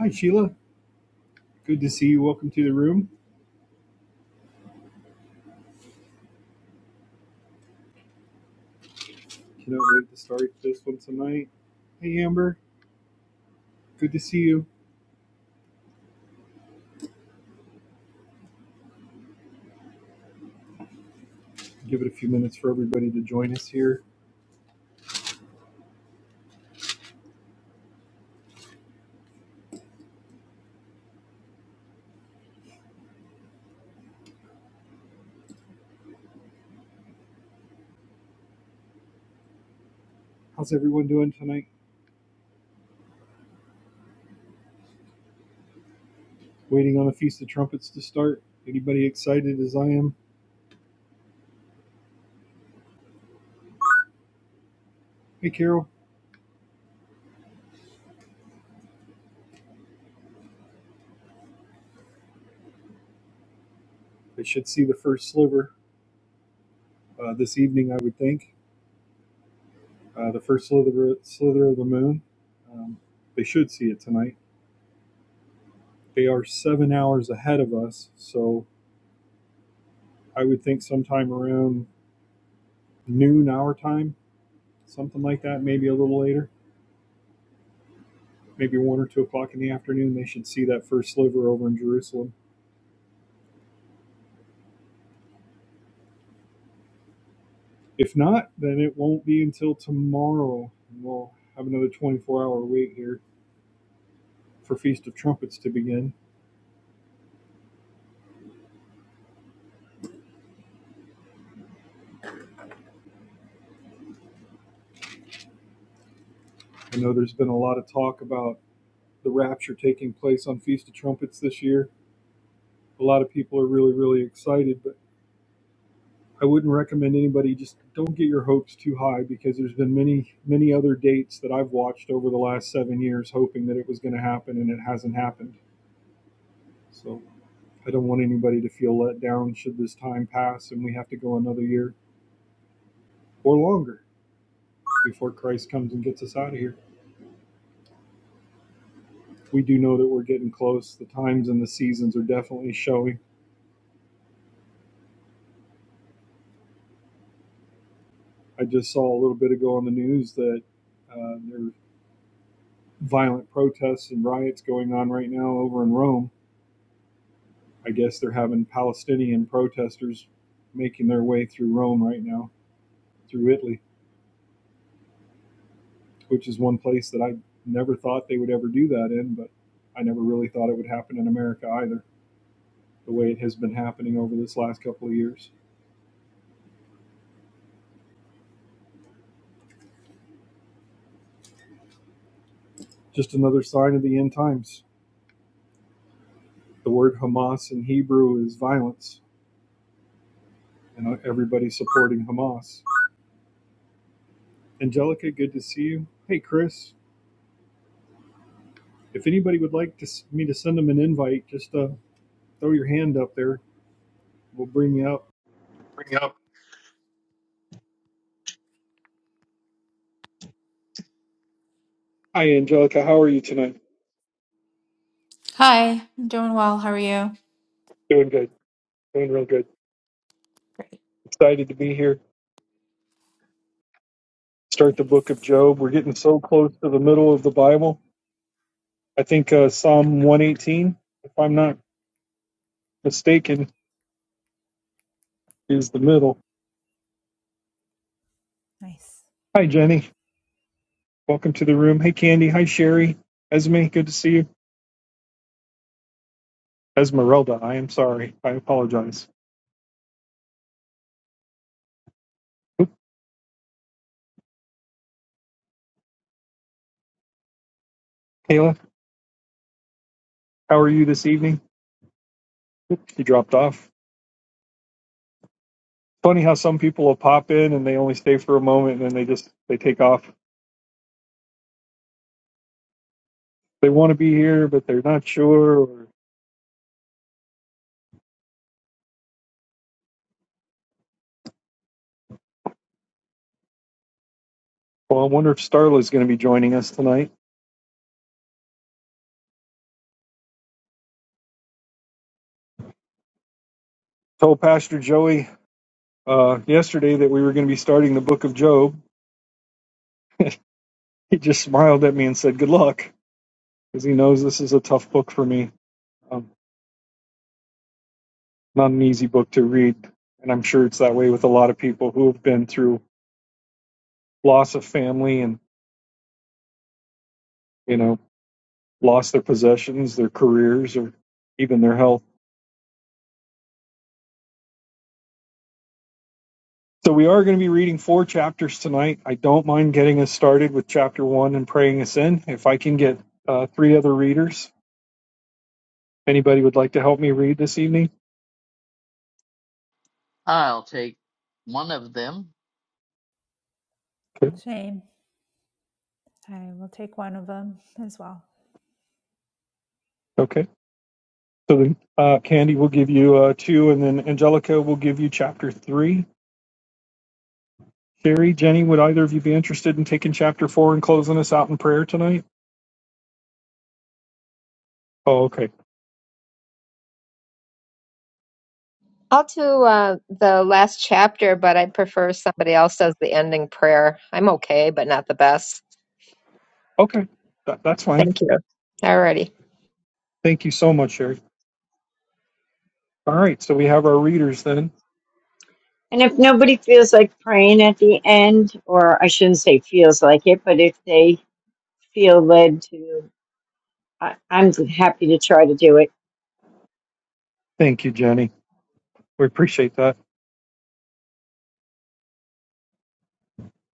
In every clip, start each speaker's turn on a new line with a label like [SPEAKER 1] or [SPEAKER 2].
[SPEAKER 1] Hi, Sheila. Good to see you. Welcome to the room. Cannot wait to start this one tonight. Hey, Amber. Good to see you. Give it a few minutes for everybody to join us here. How's everyone doing tonight? Waiting on a Feast of Trumpets to start. Anybody excited as I am? Hey, Carol. I should see the first sliver uh, this evening, I would think. Uh, the first slither, slither of the moon. Um, they should see it tonight. They are seven hours ahead of us, so I would think sometime around noon our time something like that, maybe a little later, maybe one or two o'clock in the afternoon. They should see that first sliver over in Jerusalem. If not, then it won't be until tomorrow. We'll have another 24 hour wait here for Feast of Trumpets to begin. I know there's been a lot of talk about the rapture taking place on Feast of Trumpets this year. A lot of people are really, really excited, but I wouldn't recommend anybody just don't get your hopes too high because there's been many, many other dates that I've watched over the last seven years hoping that it was going to happen and it hasn't happened So I don't want anybody to feel let down should this time pass and we have to go another year or longer before Christ comes and gets us out of here. We do know that we're getting close. The times and the seasons are definitely showing. I just saw a little bit ago on the news that uh, there are violent protests and riots going on right now over in Rome. I guess they're having Palestinian protesters making their way through Rome right now, through Italy. which is one place that I never thought they would ever do that in, but I never really thought it would happen in America either, the way it has been happening over this last couple of years. Just another sign of the end times. The word Hamas in Hebrew is violence, and everybody's supporting Hamas. Angelica, good to see you. Hey, Chris, if anybody would like to, me to send them an invite, just uh, throw your hand up there. We'll bring you up.
[SPEAKER 2] Bring up.
[SPEAKER 1] Hi, Angelica. How are you tonight?
[SPEAKER 2] Hi, I'm doing well. How are you?
[SPEAKER 1] Doing good. Doing real good. Excited to be here start the book of Job. We're getting so close to the middle of the Bible. I think uh, Psalm 118, if I'm not mistaken, is the middle.
[SPEAKER 2] Nice.
[SPEAKER 1] Hi, Jenny. Welcome to the room. Hey, Candy. Hi, Sherry. Esme, good to see you. Esmeralda, I am sorry. I apologize. Kayla, how are you this evening? She dropped off. Funny how some people will pop in and they only stay for a moment and then they just they take off. They want to be here, but they're not sure. Or, well, I wonder if Starla's going to be joining us tonight. Told Pastor Joey uh, yesterday that we were going to be starting the book of Job, he just smiled at me and said, Good luck, because he knows this is a tough book for me. Um, not an easy book to read. And I'm sure it's that way with a lot of people who have been through loss of family and, you know, lost their possessions, their careers, or even their health. So we are going to be reading four chapters tonight. I don't mind getting us started with chapter one and praying us in. If I can get uh, three other readers, anybody would like to help me read this evening?
[SPEAKER 3] I'll take one of them.
[SPEAKER 1] Okay.
[SPEAKER 2] Shame. I will take one of them as well.
[SPEAKER 1] Okay. So then, uh, Candy will give you uh, two, and then Angelica will give you chapter three. Sherry, Jenny, would either of you be interested in taking chapter four and closing us out in prayer tonight? Oh, okay.
[SPEAKER 4] I'll do uh, the last chapter, but I prefer somebody else does the ending prayer. I'm okay, but not the best.
[SPEAKER 1] Okay. That, that's fine.
[SPEAKER 4] Thank you. Alrighty.
[SPEAKER 1] Thank you so much, Sherry. All right. So we have our readers then.
[SPEAKER 5] And if nobody feels like praying at the end, or I shouldn't say feels like it, but if they feel led to, I, I'm happy to try to do it.
[SPEAKER 1] Thank you, Jenny. We appreciate that.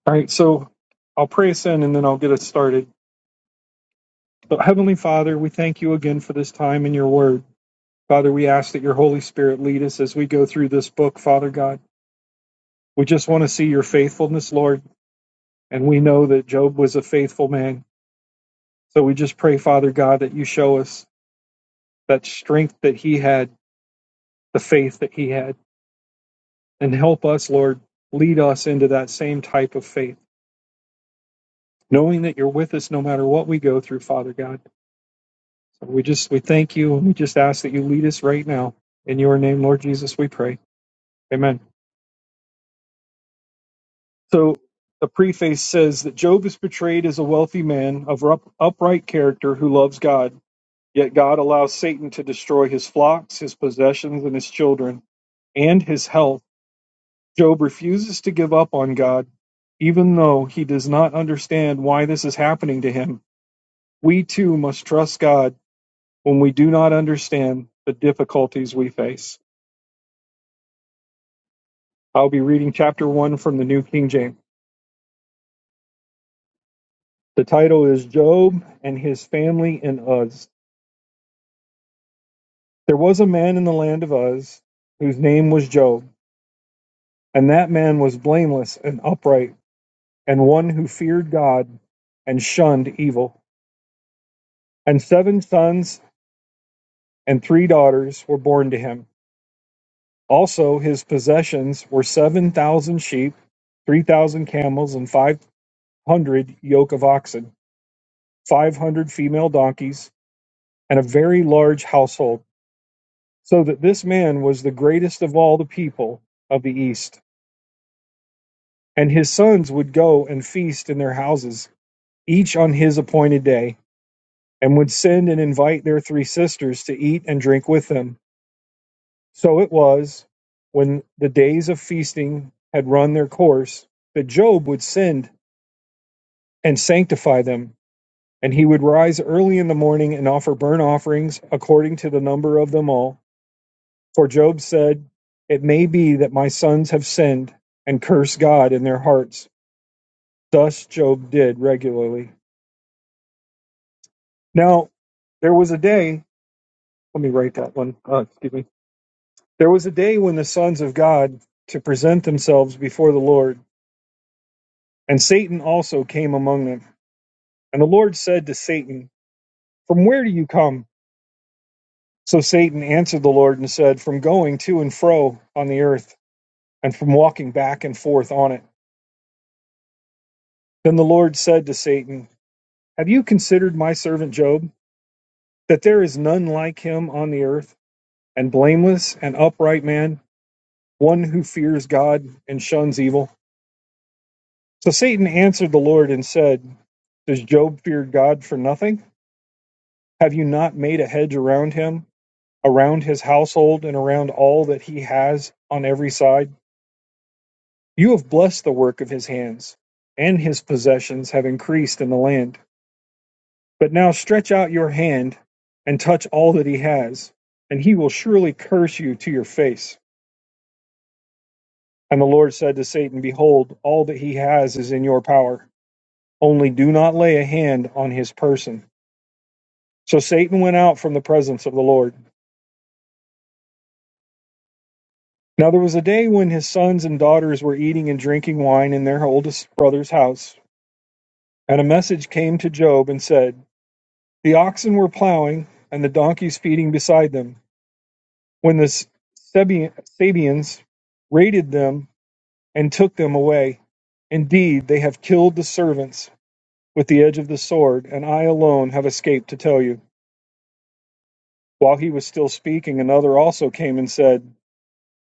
[SPEAKER 1] All right. So I'll pray us in and then I'll get us started. So, Heavenly Father, we thank you again for this time in your word. Father, we ask that your Holy Spirit lead us as we go through this book, Father God. We just want to see your faithfulness, Lord. And we know that Job was a faithful man. So we just pray, Father God, that you show us that strength that he had, the faith that he had, and help us, Lord, lead us into that same type of faith, knowing that you're with us no matter what we go through, Father God. So we just, we thank you and we just ask that you lead us right now. In your name, Lord Jesus, we pray. Amen. So the preface says that Job is portrayed as a wealthy man of upright character who loves God. Yet God allows Satan to destroy his flocks, his possessions, and his children, and his health. Job refuses to give up on God, even though he does not understand why this is happening to him. We too must trust God when we do not understand the difficulties we face. I'll be reading chapter 1 from the New King James. The title is Job and His Family in Uz. There was a man in the land of Uz whose name was Job, and that man was blameless and upright and one who feared God and shunned evil. And seven sons and three daughters were born to him. Also, his possessions were 7,000 sheep, 3,000 camels, and 500 yoke of oxen, 500 female donkeys, and a very large household, so that this man was the greatest of all the people of the East. And his sons would go and feast in their houses, each on his appointed day, and would send and invite their three sisters to eat and drink with them. So it was when the days of feasting had run their course that Job would send and sanctify them, and he would rise early in the morning and offer burnt offerings according to the number of them all. For Job said, It may be that my sons have sinned and cursed God in their hearts. Thus Job did regularly. Now, there was a day, let me write that one, uh, excuse me. There was a day when the sons of God to present themselves before the Lord And Satan also came among them. And the Lord said to Satan, From where do you come? So Satan answered the Lord and said, From going to and fro on the earth, and from walking back and forth on it. Then the Lord said to Satan, Have you considered my servant Job, that there is none like him on the earth, and blameless and upright man, one who fears God and shuns evil? So Satan answered the Lord and said, Does Job fear God for nothing? Have you not made a hedge around him? around his household and around all that he has on every side. You have blessed the work of his hands, and his possessions have increased in the land. But now stretch out your hand and touch all that he has, and he will surely curse you to your face. And the Lord said to Satan, Behold, all that he has is in your power. Only do not lay a hand on his person. So Satan went out from the presence of the Lord. Now there was a day when his sons and daughters were eating and drinking wine in their oldest brother's house. And a message came to Job and said, The oxen were plowing, and the donkeys feeding beside them, when the Sabi- Sabians raided them and took them away. Indeed, they have killed the servants with the edge of the sword, and I alone have escaped to tell you. While he was still speaking, another also came and said,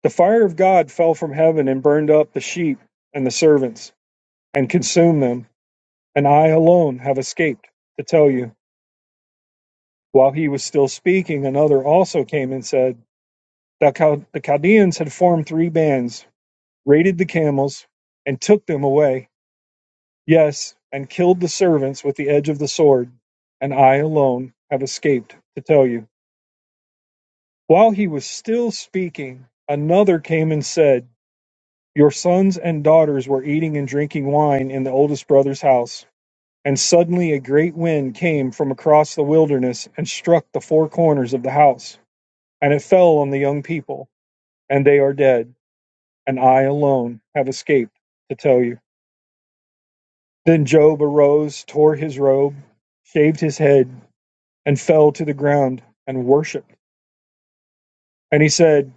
[SPEAKER 1] The fire of God fell from heaven and burned up the sheep and the servants, and consumed them, and I alone have escaped to tell you. While he was still speaking, another also came and said, The, Chal- the Chaldeans had formed three bands, raided the camels, and took them away. Yes, and killed the servants with the edge of the sword. And I alone have escaped to tell you. While he was still speaking, another came and said, Your sons and daughters were eating and drinking wine in the oldest brother's house. And suddenly a great wind came from across the wilderness and struck the four corners of the house, and it fell on the young people and they are dead, and I alone have escaped to tell you. Then Job arose, tore his robe, shaved his head, and fell to the ground and worshipped. And he said,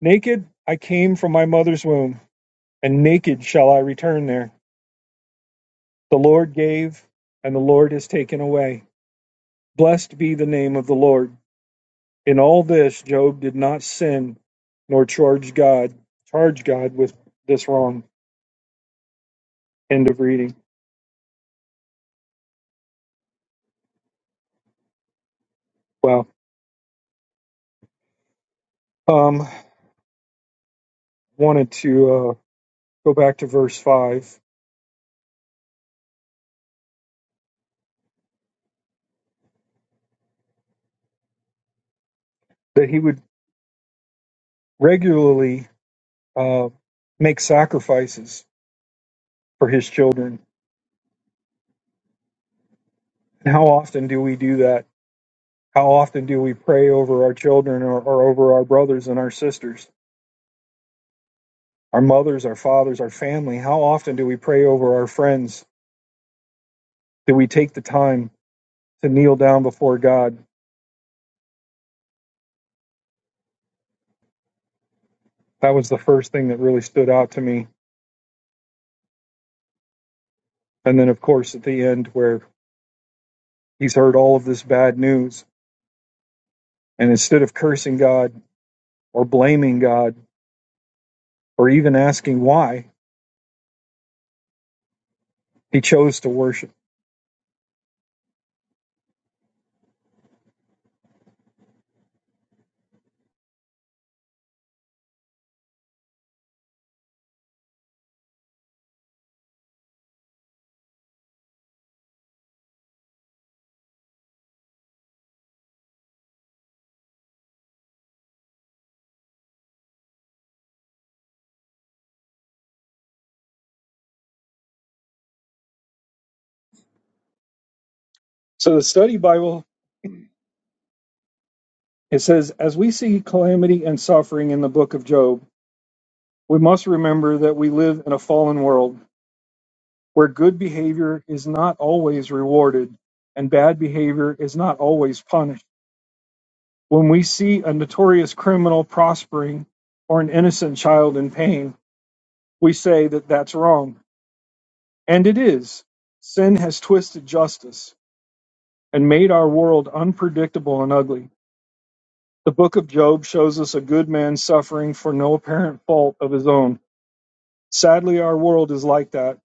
[SPEAKER 1] Naked I came from my mother's womb, and naked shall I return there. The Lord gave, and the Lord has taken away. Blessed be the name of the Lord. In all this Job did not sin nor charge God charge God with this wrong. End of reading. Wow. Um wanted to uh, go back to verse 5, that he would regularly uh, make sacrifices for his children. And how often do we do that? How often do we pray over our children or, or over our brothers and our sisters, our mothers, our fathers, our family? How often do we pray over our friends? Do we take the time to kneel down before God? That was the first thing that really stood out to me. And then, of course, at the end, where he's heard all of this bad news, and instead of cursing God or blaming God, or even asking why he chose to worship. So the study Bible, it says, as we see calamity and suffering in the book of Job, we must remember that we live in a fallen world where good behavior is not always rewarded and bad behavior is not always punished. When we see a notorious criminal prospering or an innocent child in pain, we say that that's wrong. And it is. Sin has twisted justice and made our world unpredictable and ugly. The book of Job shows us a good man suffering for no apparent fault of his own. Sadly, our world is like that,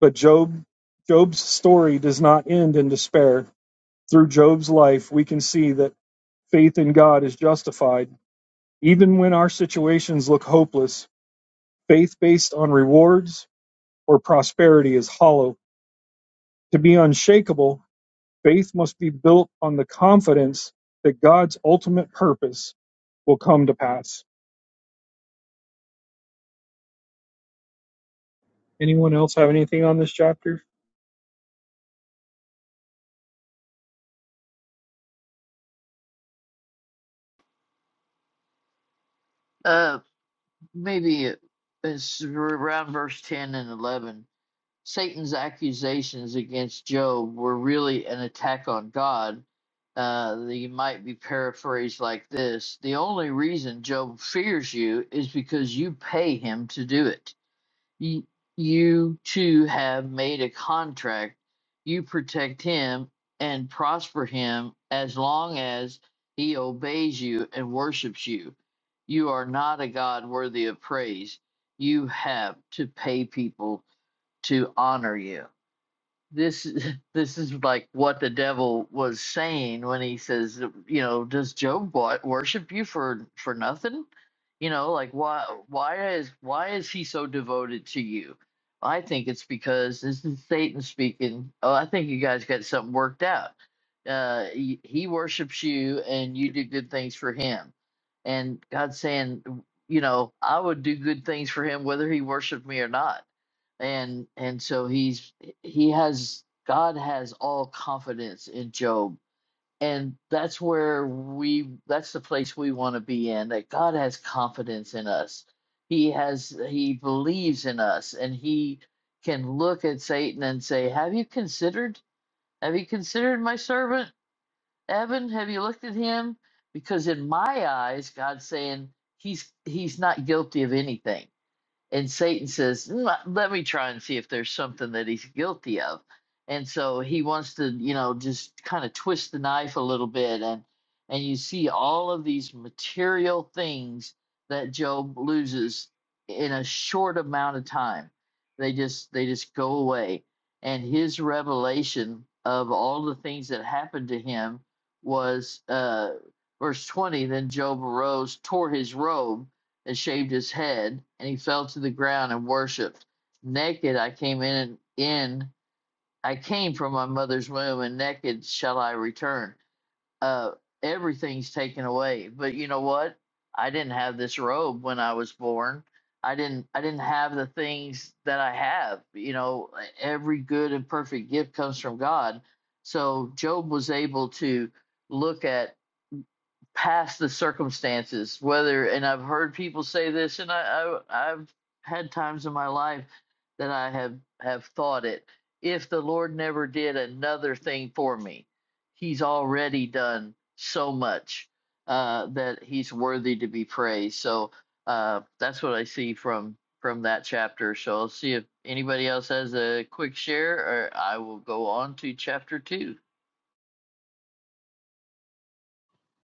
[SPEAKER 1] but Job Job's story does not end in despair. Through Job's life, we can see that faith in God is justified even when our situations look hopeless. Faith based on rewards or prosperity is hollow. To be unshakable, faith must be built on the confidence that God's ultimate purpose will come to pass. Anyone else have anything on this chapter?
[SPEAKER 3] Uh, maybe it's around verse 10 and 11. Satan's accusations against Job were really an attack on God. Uh, they might be paraphrased like this The only reason Job fears you is because you pay him to do it. Y- You two have made a contract. You protect him and prosper him as long as he obeys you and worships you. You are not a God worthy of praise. You have to pay people to honor you this this is like what the devil was saying when he says you know does job wa- worship you for for nothing you know like why why is why is he so devoted to you i think it's because this is satan speaking oh i think you guys got something worked out uh he, he worships you and you do good things for him and god's saying you know i would do good things for him whether he worshiped me or not and and so he's he has God has all confidence in Job. And that's where we that's the place we want to be in that God has confidence in us. He has he believes in us and he can look at Satan and say, "Have you considered? Have you considered my servant Evan? Have you looked at him?" Because in my eyes, God's saying he's he's not guilty of anything and Satan says, "Mm, uh, "Let me try and see if there's something that he's guilty of." And so he wants to, you know, just kind of twist the knife a little bit and and you see all of these material things that Job loses in a short amount of time. They just they just go away. And his revelation of all the things that happened to him was uh verse 20, then Job arose, tore his robe, and shaved his head, and he fell to the ground and worshipped. Naked I came in, in I came from my mother's womb, and naked shall I return. Uh, everything's taken away, but you know what? I didn't have this robe when I was born. I didn't. I didn't have the things that I have. You know, every good and perfect gift comes from God. So Job was able to look at past the circumstances whether and i've heard people say this and I, I i've had times in my life that i have have thought it if the lord never did another thing for me he's already done so much uh that he's worthy to be praised so uh that's what i see from from that chapter so i'll see if anybody else has a quick share or i will go on to chapter two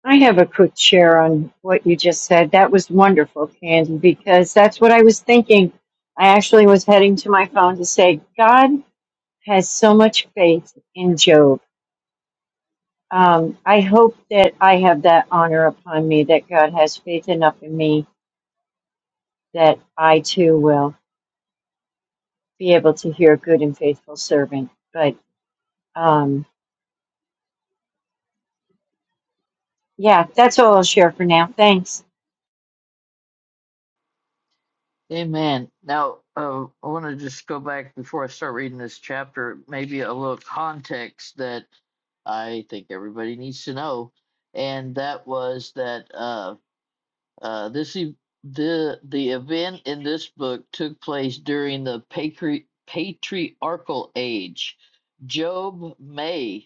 [SPEAKER 5] I have a quick share on what you just said. That was wonderful, Candy, because that's what I was thinking. I actually was heading to my phone to say, God has so much faith in Job. Um, I hope that I have that honor upon me, that God has faith enough in me that I too will. be able to hear good and faithful servant. But um, yeah, that's all I'll share for now. Thanks.
[SPEAKER 3] Amen. Now, uh, I want to just go back before I start reading this chapter, maybe a little context that I think everybody needs to know, and that was that uh, uh, this e- the the event in this book took place during the patri- patriarchal age. Job may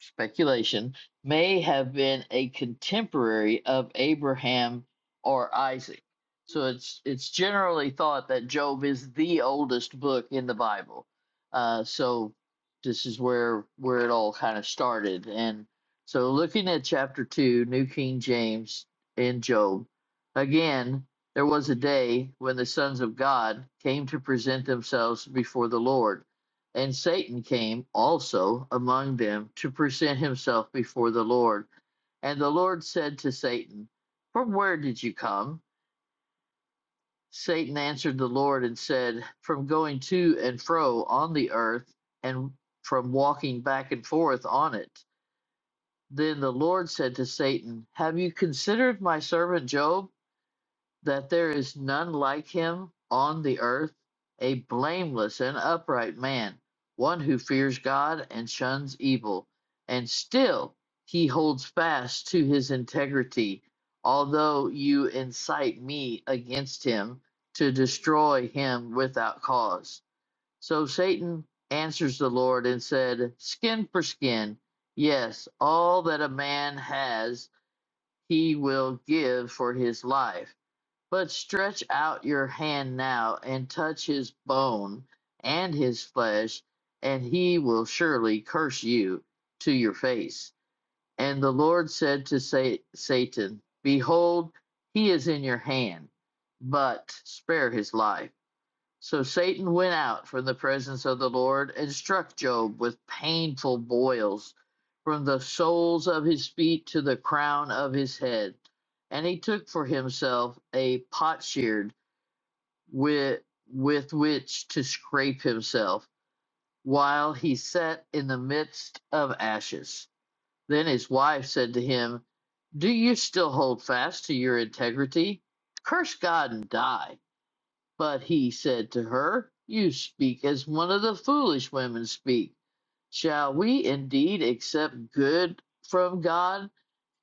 [SPEAKER 3] speculation, may have been a contemporary of Abraham or Isaac. So it's it's generally thought that Job is the oldest book in the Bible. Uh, so this is where where it all kind of started. And so looking at chapter two, New King James in Job, again there was a day when the sons of God came to present themselves before the Lord and Satan came also among them to present himself before the Lord. And the Lord said to Satan, From where did you come? Satan answered the Lord and said, From going to and fro on the earth, and from walking back and forth on it. Then the Lord said to Satan, Have you considered my servant Job? that there is none like him on the earth, a blameless and upright man, one who fears God and shuns evil. And still he holds fast to his integrity, although you incite me against him to destroy him without cause. So Satan answers the Lord and said, Skin for skin, yes, all that a man has he will give for his life. But stretch out your hand now, and touch his bone and his flesh, and he will surely curse you to your face. And the Lord said to Sa- Satan, Behold, he is in your hand, but spare his life. So Satan went out from the presence of the Lord and struck Job with painful boils from the soles of his feet to the crown of his head. And he took for himself a potsherd with, with which to scrape himself while he sat in the midst of ashes. Then his wife said to him, Do you still hold fast to your integrity? Curse God and die. But he said to her, You speak as one of the foolish women speak. Shall we indeed accept good from God,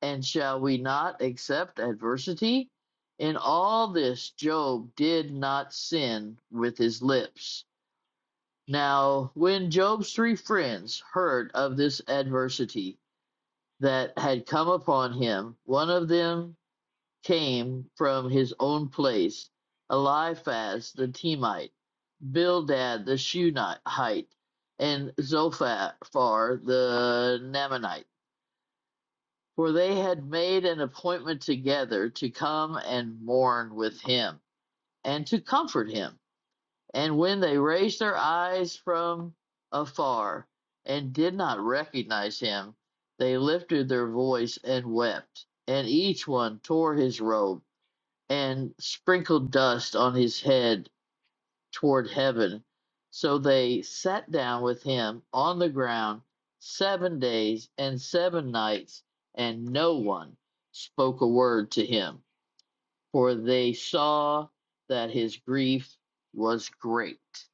[SPEAKER 3] and shall we not accept adversity? In all this, Job did not sin with his lips. Now, when Job's three friends heard of this adversity that had come upon him, one of them came from his own place, Eliphaz the Temite, Bildad the Shunammite, and Zophar the Naamanite. For they had made an appointment together to come and mourn with him, and to comfort him. And when they raised their eyes from afar, and did not recognize him, they lifted their voice and wept, and each one tore his robe and sprinkled dust on his head toward heaven. So they sat down with him on the ground seven days and seven nights, and no one spoke a word to him, for they saw that his grief was great.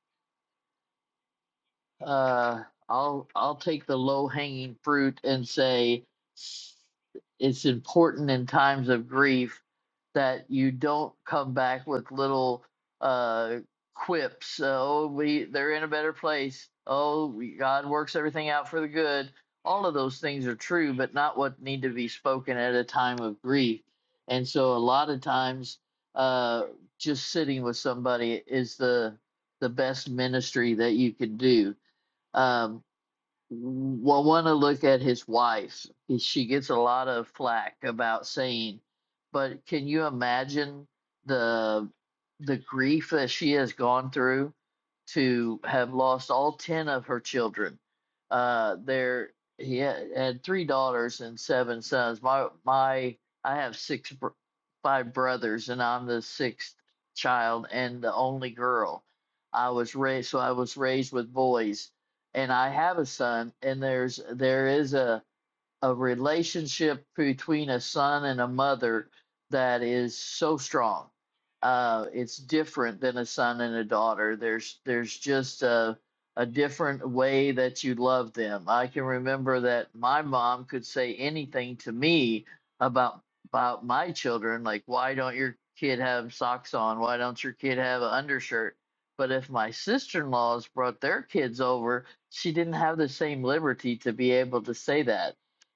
[SPEAKER 3] Uh, I'll I'll take the low hanging fruit and say s- it's important in times of grief that you don't come back with little uh quips. Oh, we they're in a better place. Oh, we, God works everything out for the good. All of those things are true, but not what need to be spoken at a time of grief. And so, a lot of times, uh, just sitting with somebody is the the best ministry that you can do um, well, want to look at his wife. She gets a lot of flack about saying, but can you imagine the the grief that she has gone through to have lost all ten of her children? Uh, there he had, had three daughters and seven sons. My my, I have six br- five brothers, and I'm the sixth child and the only girl. I was raised so I was raised with boys and I have a son, and there's there is a a relationship between a son and a mother that is so strong. Uh, it's different than a son and a daughter. There's there's just a a different way that you love them. I can remember that my mom could say anything to me about about my children, like why don't your kid have socks on? Why don't your kid have an undershirt? But if my sister-in-laws brought their kids over, she didn't have the same liberty to be able to say that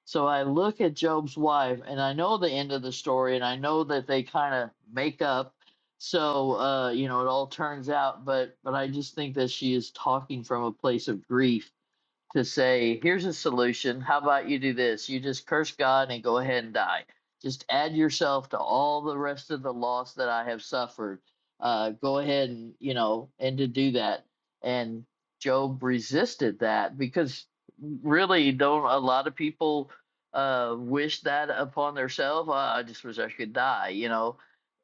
[SPEAKER 3] so I look at Job's wife, and I know the end of the story, and I know that they kind of make up. So uh, you know, it all turns out, but but I just think that she is talking from a place of grief to say, here's a solution. How about you do this? You just curse God and go ahead and die. Just add yourself to all the rest of the loss that I have suffered. Uh, go ahead and, you know, and to do that. And Job resisted that because really, don't a lot of people uh, wish that upon themselves? Uh, I just wish I could die, you know?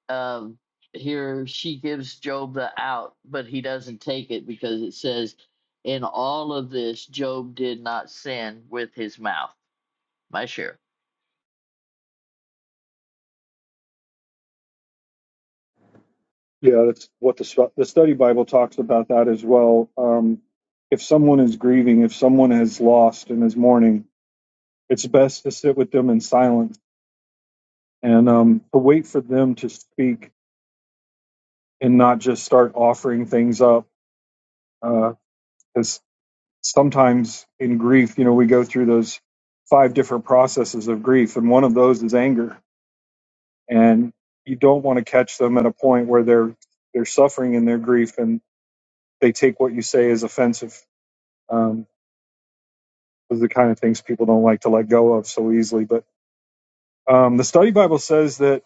[SPEAKER 3] um, here she gives Job the out, but he doesn't take it because it says, In all of this, Job did not sin with his mouth. My share.
[SPEAKER 1] Yeah, that's what the stu- the study Bible talks about that as well. Um, if someone is grieving, if someone has lost and is mourning, it's best to sit with them in silence and um, to wait for them to speak and not just start offering things up. Because sometimes in grief, you know, we go through those five different processes of grief, and one of those is anger. And you don't want to catch them at a point where they're they're suffering in their grief and they take what you say as offensive Um, Those are the kind of things people don't like to let go of so easily. But um, the study Bible says that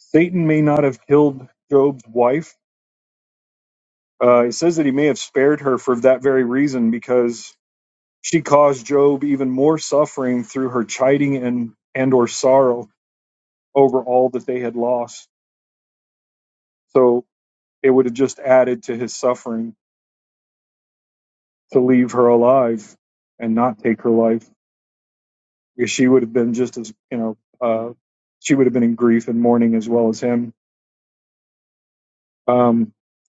[SPEAKER 1] Satan may not have killed Job's wife. Uh, it says that he may have spared her for that very reason because she caused Job even more suffering through her chiding and and or sorrow over all that they had lost. So it would have just added to his suffering to leave her alive and not take her life. Yeah, She would have been just as you know, uh, she would have been in grief and mourning as well as him. Um,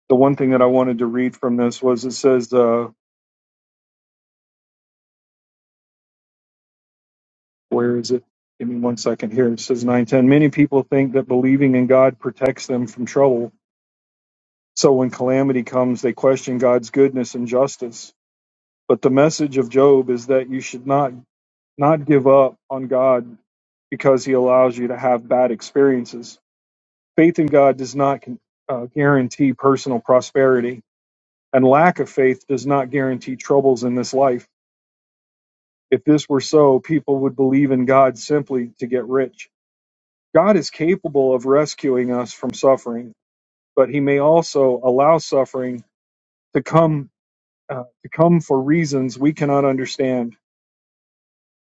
[SPEAKER 1] the one thing that I wanted to read from this was it says, uh, where is it? Give me one second here. It says 910. Many people think that believing in God protects them from trouble. So when calamity comes, they question God's goodness and justice. But the message of Job is that you should not not give up on God because he allows you to have bad experiences. Faith in God does not con- uh, guarantee personal prosperity, and lack of faith does not guarantee troubles in this life. If this were so, people would believe in God simply to get rich. God is capable of rescuing us from suffering, but he may also allow suffering to come uh, to come for reasons we cannot understand.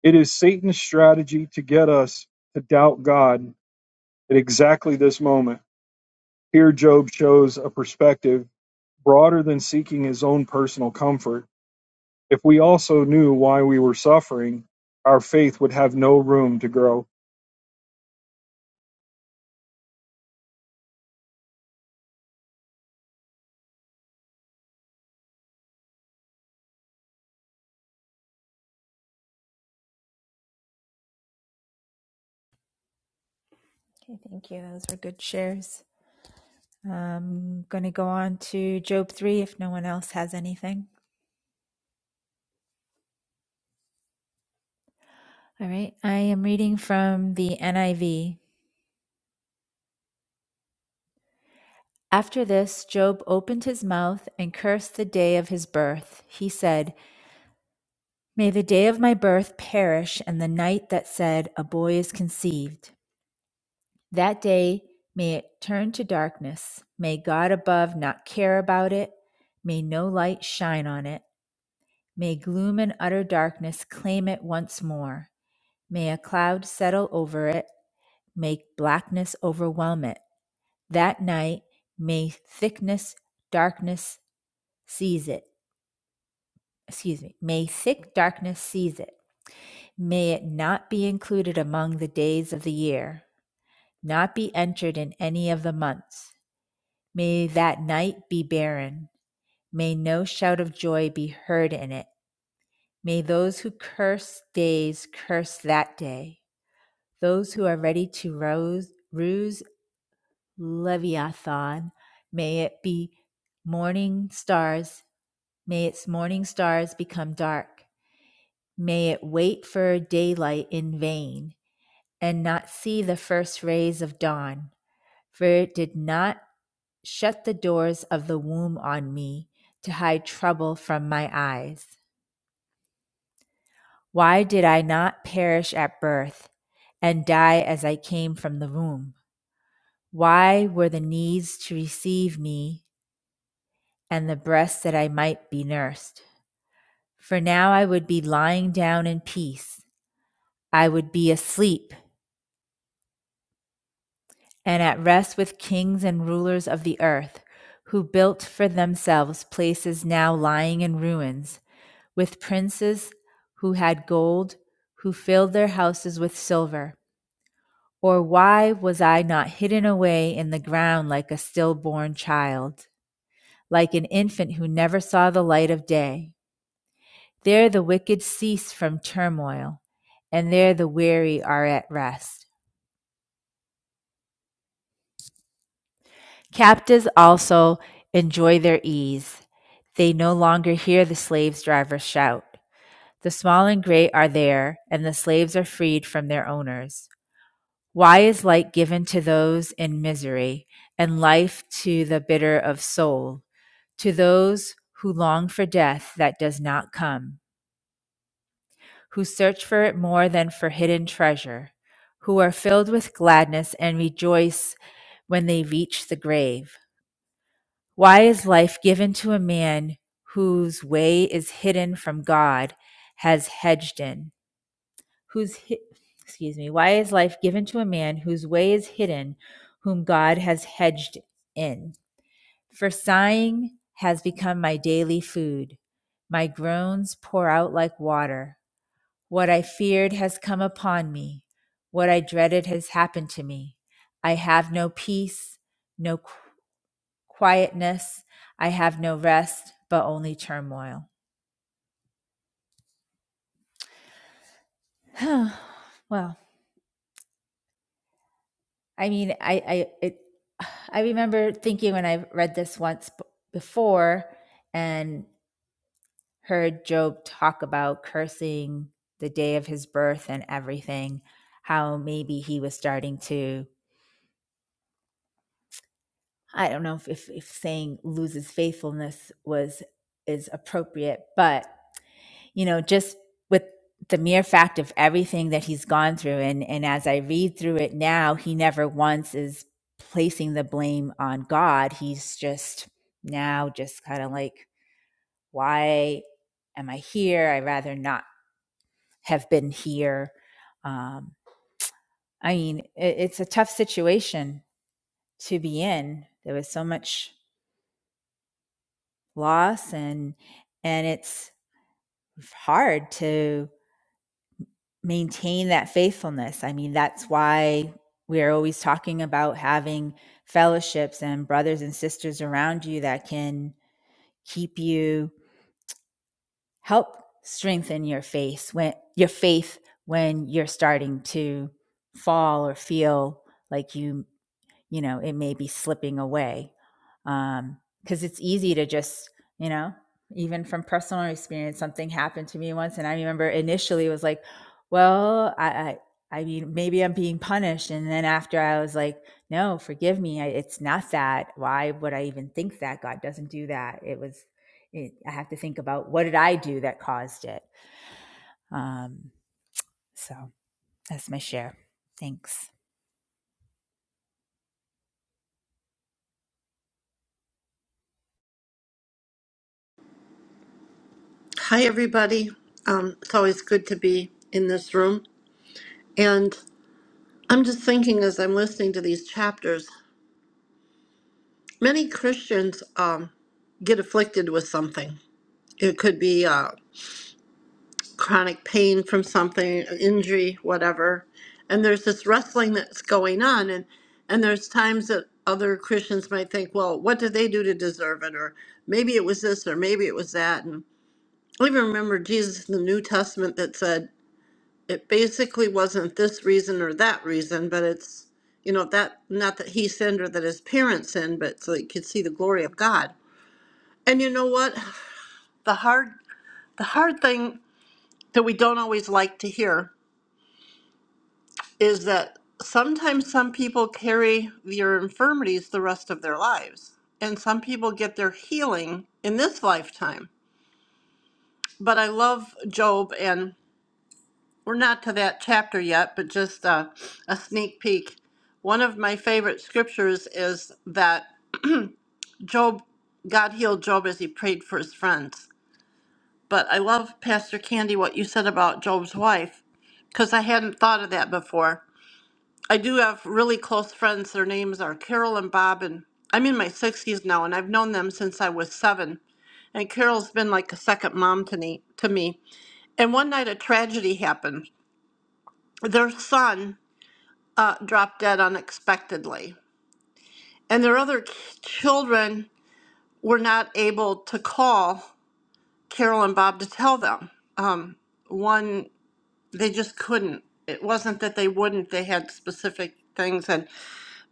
[SPEAKER 1] It is Satan's strategy to get us to doubt God at exactly this moment. Here Job shows a perspective broader than seeking his own personal comfort. If we also knew why we were suffering, our faith would have no room to grow.
[SPEAKER 2] Okay, thank you. Those were good shares. I'm going to go on to Job 3 if no one else has anything. All right. I am reading from the NIV. After this, Job opened his mouth and cursed the day of his birth. He said, May the day of my birth perish and the night that said, A boy is conceived. That day, may it turn to darkness. May God above not care about it. May no light shine on it. May gloom and utter darkness claim it once more. May a cloud settle over it. May blackness overwhelm it. That night, may thickness, darkness seize it. Excuse me. May thick darkness seize it. May it not be included among the days of the year, not be entered in any of the months. May that night be barren. May no shout of joy be heard in it. May those who curse days curse that day. Those who are ready to rose, ruse Leviathan, may it be morning stars. May its morning stars become dark. May it wait for daylight in vain and not see the first rays of dawn. For it did not Shut the doors of the womb on me to hide trouble from my eyes. Why did I not perish at birth and die as I came from the womb? Why were the knees to receive me and the breasts that I might be nursed? For now I would be lying down in peace. I would be asleep and at rest with kings and rulers of the earth who built for themselves places now lying in ruins with princes who had gold, who filled their houses with silver? Or why was I not hidden away in the ground like a stillborn child, like an infant who never saw the light of day? There the wicked cease from turmoil, and there the weary are at rest. Captives also enjoy their ease. They no longer hear the slaves' drivers shout. The small and great are there, and the slaves are freed from their owners. Why is light given to those in misery, and life to the bitter of soul, to those who long for death that does not come, who search for it more than for hidden treasure, who are filled with gladness and rejoice when they reach the grave? Why is life given to a man whose way is hidden from God, has hedged in? whose hi- excuse me, why is life given to a man whose way is hidden, whom God has hedged in? For sighing has become my daily food. My groans pour out like water. What I feared has come upon me. What I dreaded has happened to me. I have no peace, no qu- quietness. I have no rest, but only turmoil. well, I mean, I I it, I remember thinking when I read this once b- before and heard Job talk about cursing the day of his birth and everything, how maybe he was starting to I don't know if if, if saying loses faithfulness was is appropriate, but you know, just with the mere fact of everything that he's gone through. And, and as I read through it now, he never once is placing the blame on God. He's just now just kind of like, why am I here? I'd rather not have been here. Um, I mean, it, it's a tough situation to be in. There was so much loss and, and it's hard to maintain that faithfulness. I mean, that's why we are always talking about having fellowships and brothers and sisters around you that can keep you help strengthen your faith when your faith when you're starting to fall or feel like you you know, it may be slipping away. Um, cause it's easy to just, you know, even from personal experience, something happened to me once. And I remember initially it was like, well, I, I, I mean, maybe I'm being punished. And then after I was like, no, forgive me. I, it's not that. Why would I even think that God doesn't do that? It was, it, I have to think about what did I do that caused it? Um, so that's my share. Thanks.
[SPEAKER 6] Hi, everybody. Um, it's always good to be in this room. And I'm just thinking as I'm listening to these chapters, many Christians um, get afflicted with something. It could be uh, chronic pain from something, an injury, whatever. And there's this wrestling that's going on. And, and there's times that other Christians might think, well, what did they do to deserve it? Or maybe it was this, or maybe it was that. And I even remember Jesus in the New Testament that said, it basically wasn't this reason or that reason, but it's, you know, that not that he sinned or that his parents sinned, but so he could see the glory of God. And you know what? The hard the hard thing that we don't always like to hear is that sometimes some people carry their infirmities the rest of their lives. And some people get their healing in this lifetime. But I love Job and we're not to that chapter yet, but just uh, a sneak peek. One of my favorite scriptures is that Job, God healed Job as he prayed for his friends. But I love, Pastor Candy, what you said about Job's wife, because I hadn't thought of that before. I do have really close friends. Their names are Carol and Bob, and I'm in my 60s now, and I've known them since I was seven. And Carol's been like a second mom to me. To me. And one night a tragedy happened. Their son uh, dropped dead unexpectedly. And their other k- children were not able to call Carol and Bob to tell them. Um, one, they just couldn't. It wasn't that they wouldn't, they had specific things. And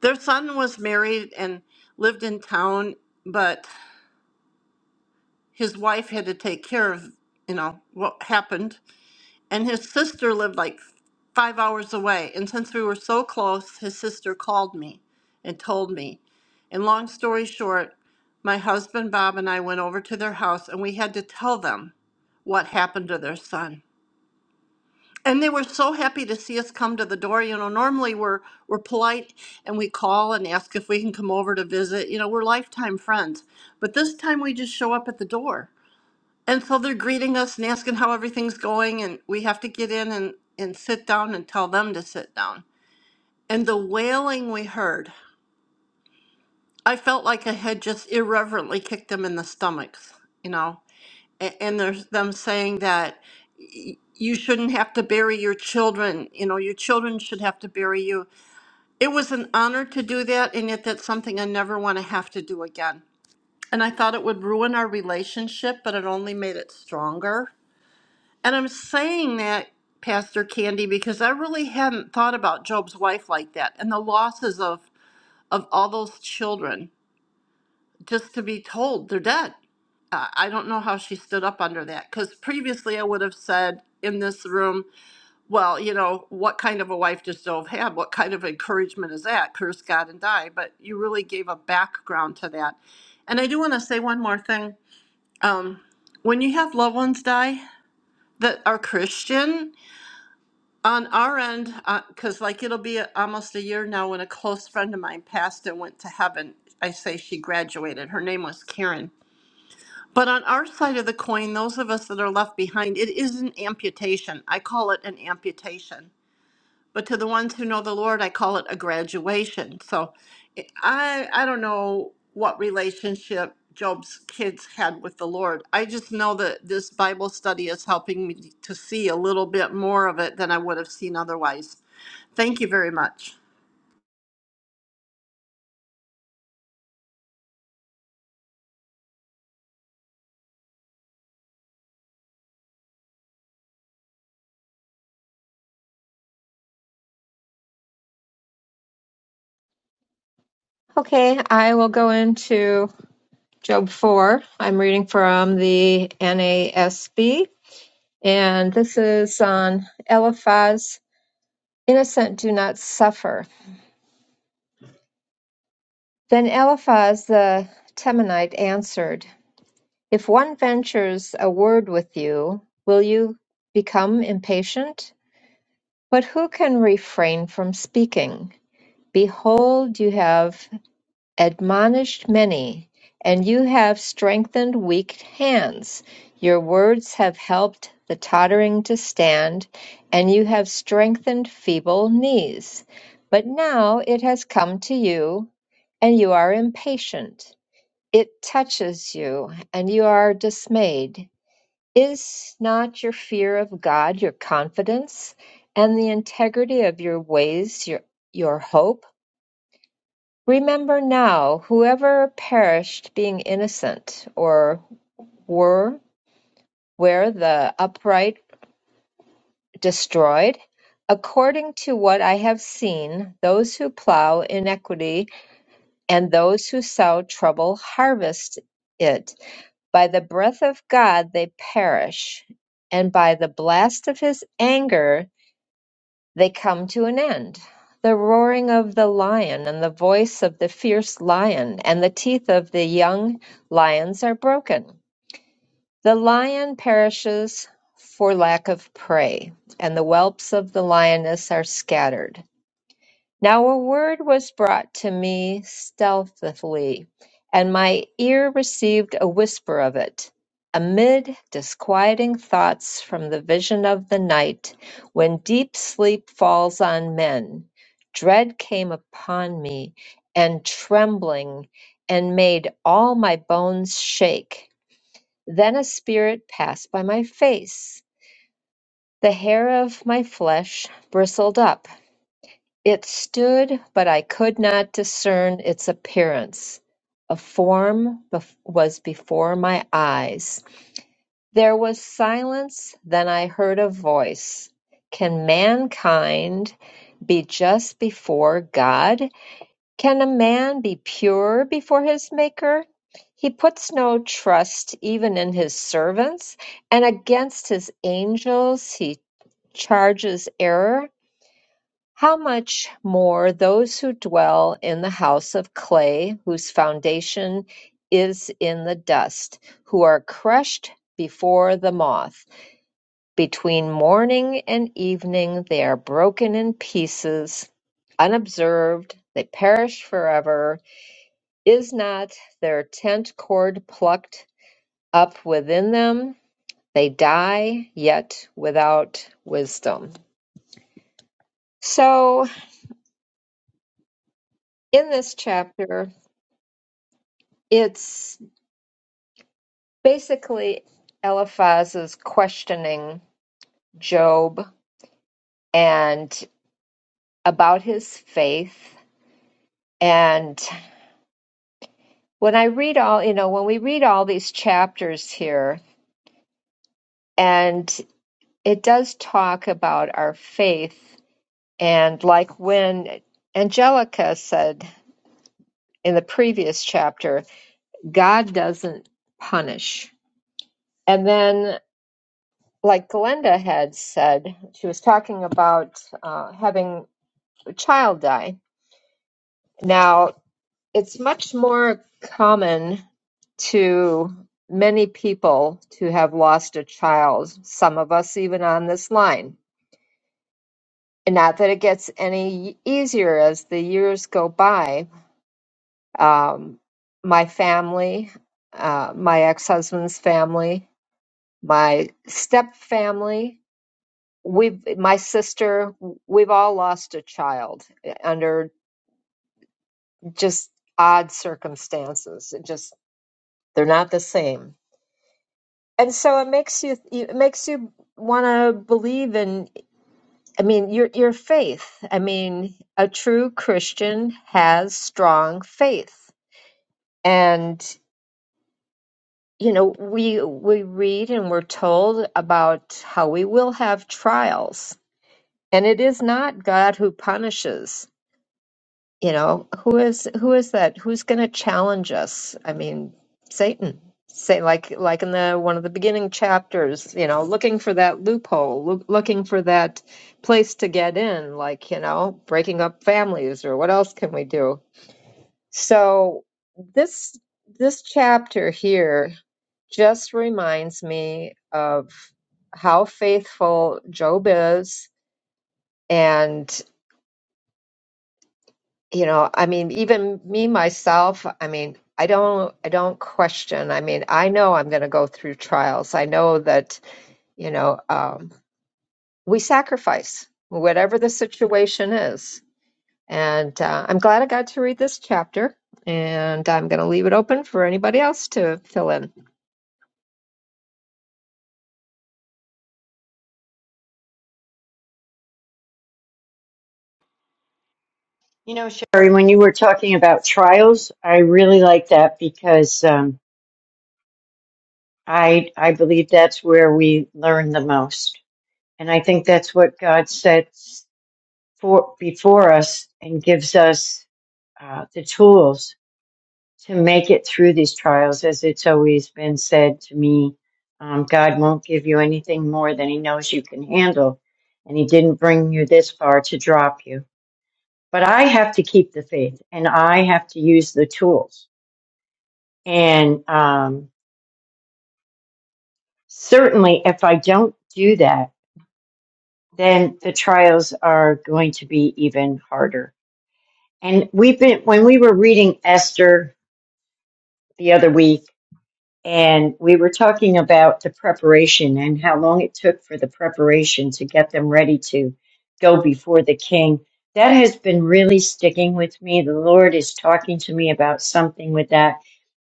[SPEAKER 6] their son was married and lived in town, but his wife had to take care of, you know, what happened and his sister lived like five hours away. And since we were so close, his sister called me and told me. And long story short, my husband Bob and I went over to their house and we had to tell them what happened to their son. And they were so happy to see us come to the door. You know, normally we're we're polite and we call and ask if we can come over to visit. You know, we're lifetime friends. But this time we just show up at the door. And so they're greeting us and asking how everything's going, and we have to get in and, and sit down and tell them to sit down. And the wailing we heard, I felt like I had just irreverently kicked them in the stomachs, you know. And, and there's them saying that you shouldn't have to bury your children, you know, your children should have to bury you. It was an honor to do that, and yet that's something I never want to have to do again. And I thought it would ruin our relationship, but it only made it stronger And I'm saying that, Pastor Candy, because I really hadn't thought about Job's wife like that and the losses of, of all those children, just to be told they're dead. I I don't know how she stood up under that because previously I would have said in this room, well, you know, what kind of a wife does Job have? What kind of encouragement is that? Curse God and die. But you really gave a background to that. And I do want to say one more thing. Um, when you have loved ones die that are Christian, On our end, because like it'll be a- almost a year now when a close friend of mine passed and went to heaven. I say she graduated. Her name was Karen. But on our side of the coin, those of us that are left behind, it is an amputation. I call it an amputation. But to the ones who know the Lord, I call it a graduation. So it- I, I don't know what relationship Job's kids had with the Lord. I just know that this Bible study is helping me to see a little bit more of it than I would have seen otherwise. Thank you very much.
[SPEAKER 4] Okay, I will go into Job 4. I'm reading from the NASB, and this is on Eliphaz, innocent do not suffer. Then Eliphaz the Temanite answered, If one ventures a word with you, will you become impatient? But who can refrain from speaking? Behold, you have admonished many, and you have strengthened weak hands. Your words have helped the tottering to stand, and you have strengthened feeble knees. But now it has come to you, and you are impatient. It touches you, and you are dismayed. Is not your fear of God your confidence, and the integrity of your ways your, your hope? Remember now, whoever perished being innocent, or were where the upright destroyed? According to what I have seen, those who plow iniquity and those who sow trouble harvest it. By the breath of God they perish, and by the blast of his anger They come to an end. The roaring of the lion and the voice of the fierce lion and the teeth of the young lions are broken. The lion perishes for lack of prey, and the whelps of the lioness are scattered. Now a word was brought to me stealthily, and my ear received a whisper of it, amid disquieting thoughts from the vision of the night, when deep sleep falls on men. Dread came upon me, and trembling, and made all my bones shake. Then a spirit passed by my face. The hair of my flesh bristled up it stood, but I could not discern its appearance. A form bef- was before my eyes. There was silence, then I heard a voice. Can mankind be just before God? Can a man be pure before his Maker? He puts no trust even in his servants, and against his angels he charges error. How much more those who dwell in the house of clay, whose foundation is in the dust, who are crushed before the moth. Between morning and evening they are broken in pieces, unobserved, they perish forever. Is not their tent cord plucked up within them? They die, yet without wisdom. So, in this chapter, it's basically Eliphaz is questioning Job and about his faith. And when I read all, you know, when we read all these chapters here, and it does talk about our faith, and like when Angelica said in the previous chapter, God doesn't punish. And then, like Glenda had said, she was talking about uh, having a child die Now, it's much more common to many people to have lost a child, some of us even on this line. And not that it gets any easier as the years go by. Um, my family, uh, my ex husband's family, my step family, we've, my sister, we've all lost a child under just odd circumstances. It just, they're not the same and so it makes you it makes you want to believe in i mean your your faith i mean a true christian has strong faith and you know we we read and we're told about how we will have trials and it is not god who punishes you know who is who is that who's going to challenge us i mean satan say like like in the one of the beginning chapters you know looking for that loophole loo- looking for that place to get in like you know breaking up families or what else can we do so this this chapter here just reminds me of how faithful job is you know i mean even me myself i mean i don't i don't question i mean i know i'm going to go through trials i know that you know um, we sacrifice whatever the situation is and uh, i'm glad i got to read this chapter and i'm going to leave it open for anybody else to fill in
[SPEAKER 5] You know, Sherry, when you were talking about trials, I really like that because um, I I believe that's where we learn the most, and I think that's what God sets for before us and gives us uh, the tools to make it through these trials. As it's always been said to me, um, God won't give you anything more than He knows you can handle. And He didn't bring you this far to drop you. But I have to keep the faith and I have to use the tools. And um, certainly, if I don't do that, then the trials are going to be even harder. And we've been, when we were reading Esther the other week, and we were talking about the preparation and how long it took for the preparation to get them ready to go before the king. That has been really sticking with me. The Lord is talking to me about something with that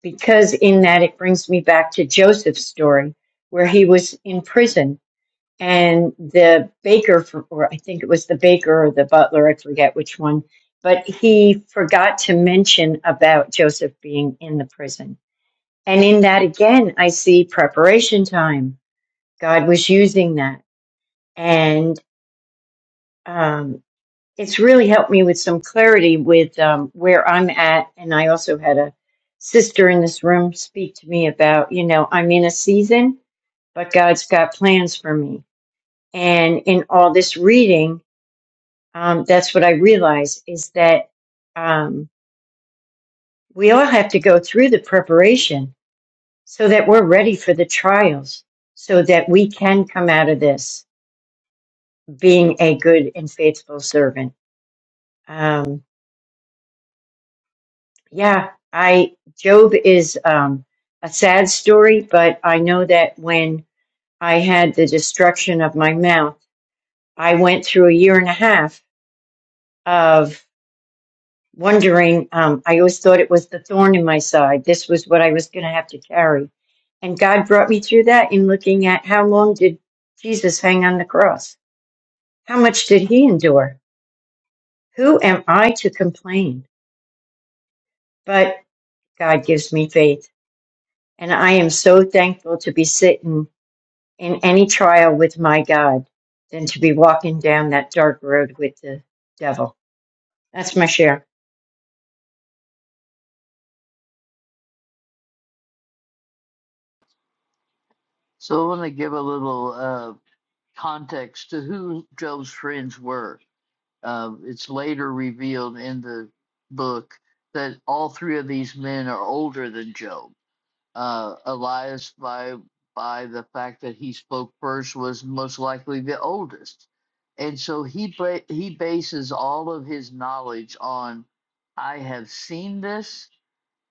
[SPEAKER 5] because, in that, it brings me back to Joseph's story where he was in prison and the baker, for- or I think it was the baker or the butler, I forget which one, but he forgot to mention about Joseph being in the prison and in that again, I see preparation time. God was using that. And um, it's really helped me with some clarity with um, where I'm at. And I also had a sister in this room speak to me about, you know, I'm in a season, but God's got plans for me. And in all this reading, um, that's what I realized is that um, we all have to go through the preparation so that we're ready for the trials, so that we can come out of this being a good and faithful servant. Um, yeah, I Job is um, a sad story, but I know that when I had the destruction of my mouth, I went through a year and a half of wondering. Um, I always thought it was the thorn in my side. This was what I was going to have to carry, and God brought me through that in looking at how long did Jesus hang on the cross How much did he endure? Who am I to complain? But God gives me faith, and I am so thankful to be sitting in any trial with my God than to be walking down that dark road with the devil. That's my share.
[SPEAKER 3] So I want to give a little uh, context to who Job's friends were. Uh, it's later revealed in the book that all three of these men are older than Job. uh, Elias by by the fact that he spoke first was most likely the oldest, and so he ba- he bases all of his knowledge on I have seen this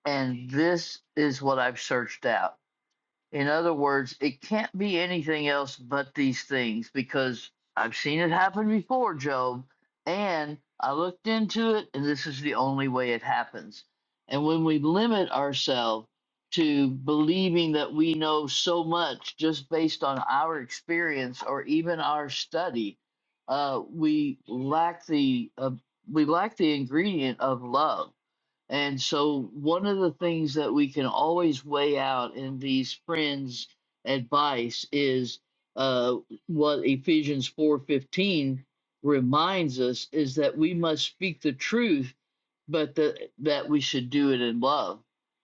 [SPEAKER 3] and this is what I've searched out in other words, it can't be anything else but these things because I've seen it happen before, Job, and I looked into it, and this is the only way it happens. And when we limit ourselves to believing that we know so much just based on our experience or even our study, uh, we lack the uh, we lack the ingredient of love and so, one of the things that we can always weigh out in these friends' advice is uh, what Ephesians four fifteen reminds us is that we must speak the truth but that that we should do it in love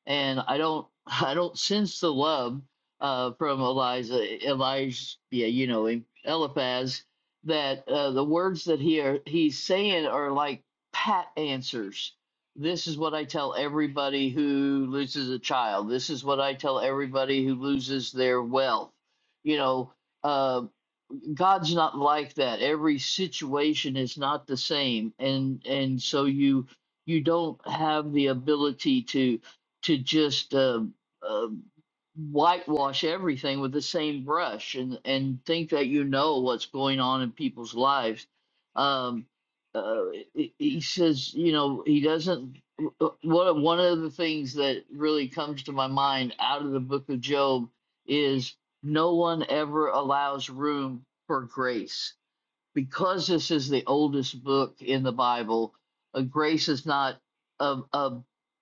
[SPEAKER 3] and i don't i don't sense the love uh from eliza elijah yeah you know him eliphaz that uh, the words that he are, he's saying are like pat answers this is what i tell everybody who loses a child this is what i tell everybody who loses their wealth you know uh, God's not like that. Every situation is not the same, and and so you you don't have the ability to to just uh, uh, whitewash everything with the same brush and and think that you know what's going on in people's lives. Um, uh, he he says, you know, he doesn't. One one of the things that really comes to my mind out of the Book of Job is no one ever allows room for grace. Because this is the oldest book in the Bible, uh, grace is not a, a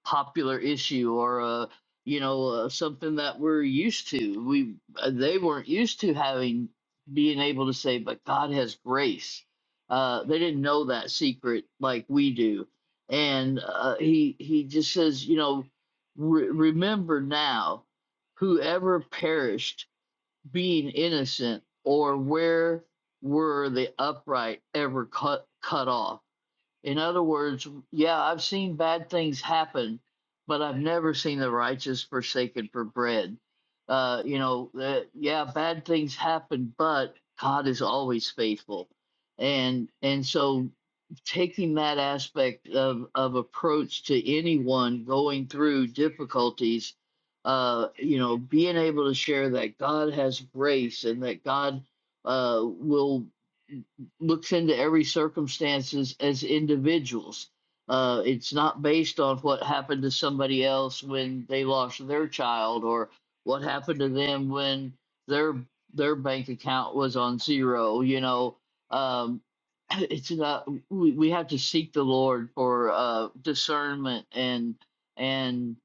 [SPEAKER 3] popular issue or a you know uh, something that we're used to. We uh, they weren't used to having being able to say, but God has grace. Uh, they didn't know that secret like we do, and uh, he he just says, you know, re- remember now, whoever perished being innocent, or where were the upright ever cut cut off? In other words, yeah, I've seen bad things happen, but I've never seen the righteous forsaken for bread. Uh, you know, that yeah, bad things happen, but God is always faithful. And and so taking that aspect of of approach to anyone going through difficulties, uh, you know, being able to share that God has grace and that God uh will looks into every circumstances as individuals. Uh, it's not based on what happened to somebody else when they lost their child or what happened to them when their their bank account was on zero. You know, um, it's not. We, we have to seek the Lord for uh, discernment and and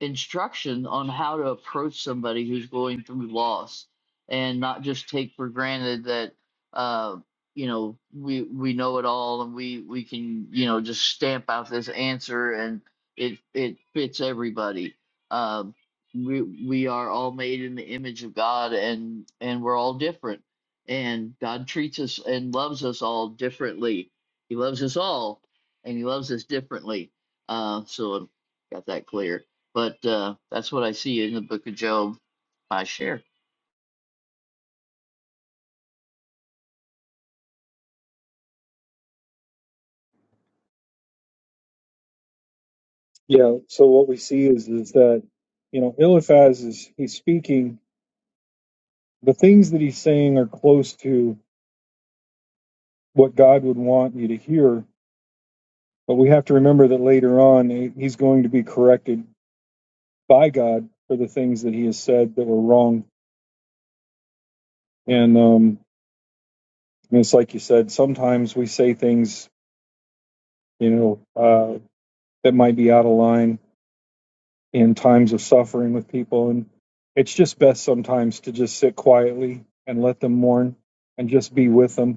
[SPEAKER 3] instruction on how to approach somebody who's going through loss and not just take for granted that uh, you know we we know it all and we we can you know just stamp out this answer and it it fits everybody um we we are all made in the image of god and and we're all different and god treats us and loves us all differently he loves us all and he loves us differently uh so I got that clear but uh that's what i see in the book of job i share
[SPEAKER 1] Yeah, so what we see is is that you know Eliphaz is he's speaking the things that he's saying are close to what God would want you to hear, but we have to remember that later on he- he's going to be corrected by God for the things that he has said that were wrong. And um and it's like you said, sometimes we say things, you know, uh that might be out of line in times of suffering with people and it's just best sometimes to just sit quietly and let them mourn and just be with them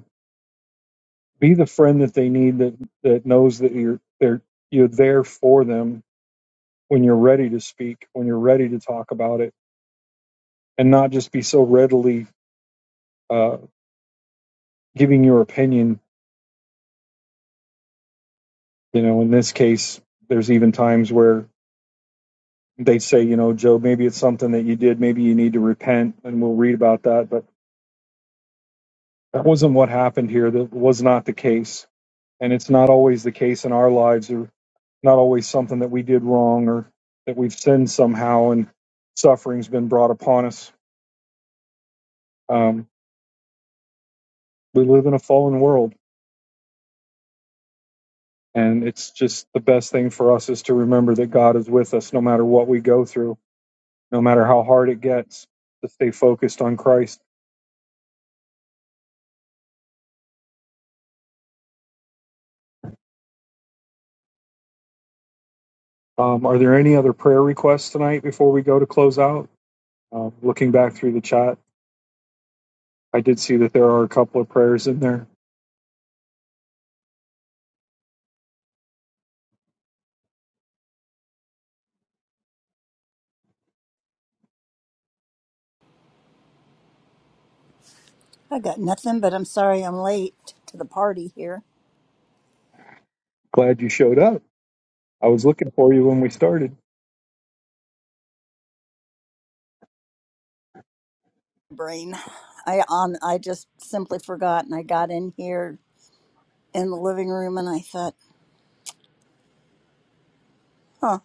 [SPEAKER 1] Be the friend that they need that that knows that you're there you're there for them when you're ready to speak, when you're ready to talk about it, and not just be so readily uh, giving your opinion. You know, in this case, there's even times where they say, you know, Joe, maybe it's something that you did, maybe you need to repent, and we'll read about that. But that wasn't what happened here. That was not the case, and it's not always the case in our lives or not always something that we did wrong or that we've sinned somehow and suffering's been brought upon us. Um, we live in a fallen world, and it's just the best thing for us is to remember that God is with us no matter what we go through, no matter how hard it gets, to stay focused on Christ. Um, are there any other prayer requests tonight before we go to close out? Um, looking back through the chat, I did see that there are a couple of prayers in there.
[SPEAKER 7] I got nothing, but I'm sorry I'm late to the party here.
[SPEAKER 1] Glad you showed up. I was looking for you when we started.
[SPEAKER 7] Brain, I on I just simply forgot, and I got in here in the living room, and I thought, huh,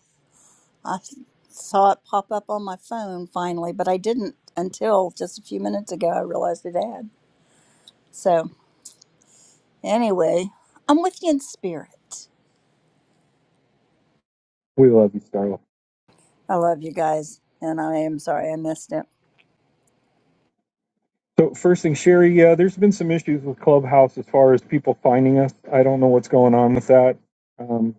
[SPEAKER 7] I s- saw it pop up on my phone finally, but I didn't until just a few minutes ago. I realized it had. So anyway, I'm with you in spirit.
[SPEAKER 1] We love you, Starlight.
[SPEAKER 7] I love you guys, and I am sorry I missed it.
[SPEAKER 1] So first thing, Sherry, yeah, there's been some issues with Clubhouse as far as people finding us. I don't know what's going on with that. Um,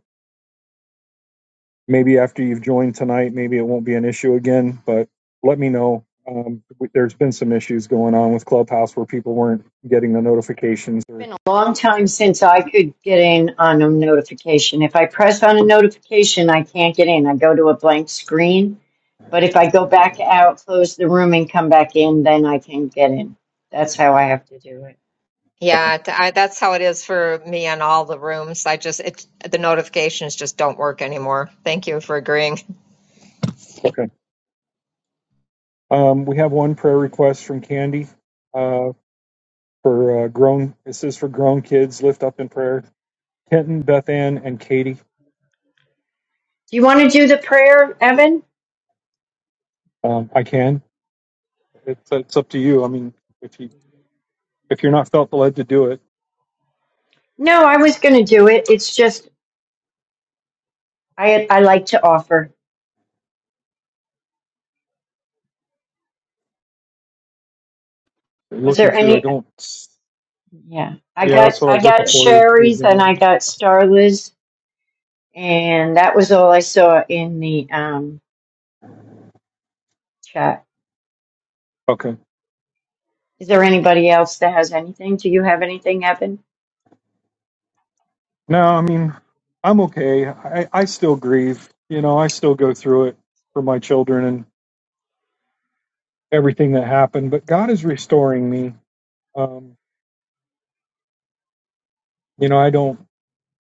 [SPEAKER 1] maybe after you've joined tonight, maybe it won't be an issue again. But let me know. Um, w- there's been some issues going on with Clubhouse where people weren't getting the notifications. Or
[SPEAKER 5] It's been a long time since I could get in on a notification. If I press on a notification, I can't get in. I go to a blank screen. But if I go back out, close the room, and come back in, then I can get in. That's how I have to do it.
[SPEAKER 1] okay,
[SPEAKER 4] Yeah, t- I, that's how it is for me on all the rooms. I just it the notifications just don't work anymore. Thank you for agreeing.
[SPEAKER 1] okay. Um, we have one prayer request from Candy uh, for uh, grown. It says for grown kids, lift up in prayer. Kenton, Beth Ann, and Katie.
[SPEAKER 5] Do you want to do the prayer, Evan?
[SPEAKER 1] Um, I can. It's, it's up to you. I mean, if you if you're not felt led to do it,
[SPEAKER 5] No, I was going to do it. It's just I I like to offer. Was
[SPEAKER 1] looking
[SPEAKER 5] there
[SPEAKER 1] through, I
[SPEAKER 5] any?
[SPEAKER 1] don't.
[SPEAKER 5] Yeah, I
[SPEAKER 1] Yeah,
[SPEAKER 5] got
[SPEAKER 1] that's what I
[SPEAKER 5] I
[SPEAKER 1] was looking
[SPEAKER 5] got
[SPEAKER 1] for.
[SPEAKER 5] Sherry's and I got Starla's, and that was all I saw in the um chat.
[SPEAKER 1] Okay.
[SPEAKER 5] Is there anybody else that has anything? Do you have anything, Evan?
[SPEAKER 1] No, I mean, I'm okay. I, I still grieve. You know, I still go through it for my children and everything that happened. But God is restoring me. Um, you know, I don't.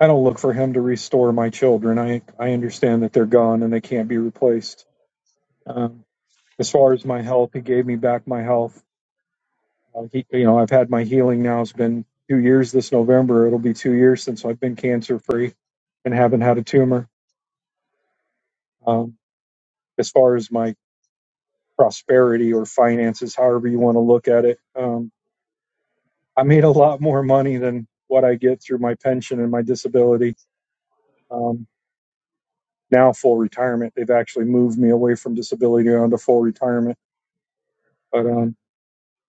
[SPEAKER 1] I don't look for Him to restore my children. I I understand that they're gone and they can't be replaced. Um, as far as my health, He gave me back my health Uh, he, you know, I've had my healing now. It's been two years this November. It'll be two years since I've been cancer free and haven't had a tumor. Um, as far as my prosperity or finances, however you want to look at it, um, I made a lot more money than what I get through my pension and my disability. Um, now full retirement. They've actually moved me away from disability onto full retirement. But um,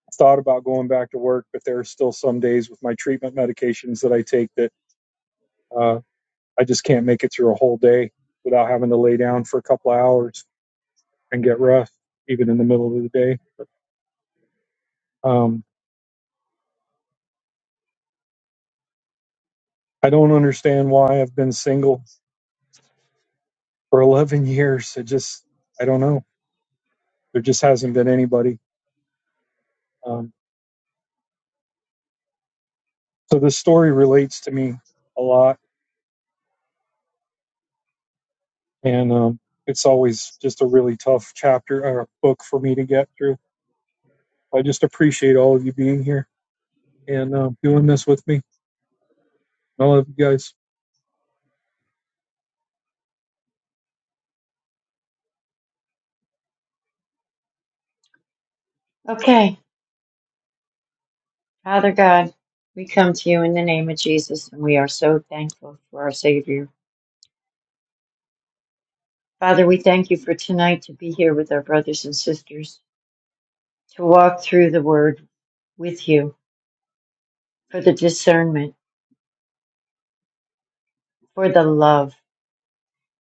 [SPEAKER 1] I thought about going back to work, but there are still some days with my treatment medications that I take that uh, I just can't make it through a whole day without having to lay down for a couple of hours and get rest, even in the middle of the day. Um, I don't understand why I've been single for 11 years. It just, I don't know. There just hasn't been anybody. Um, so this story relates to me a lot, and um, it's always just a really tough chapter or book for me to get through. I just appreciate all of you being here and uh, doing this with me. I love you guys.
[SPEAKER 5] Okay, Father God, we come to you in the name of Jesus, and we are so thankful for our Savior. Father, we thank you for tonight to be here with our brothers and sisters to walk through the Word with you. for the discernment, for the love.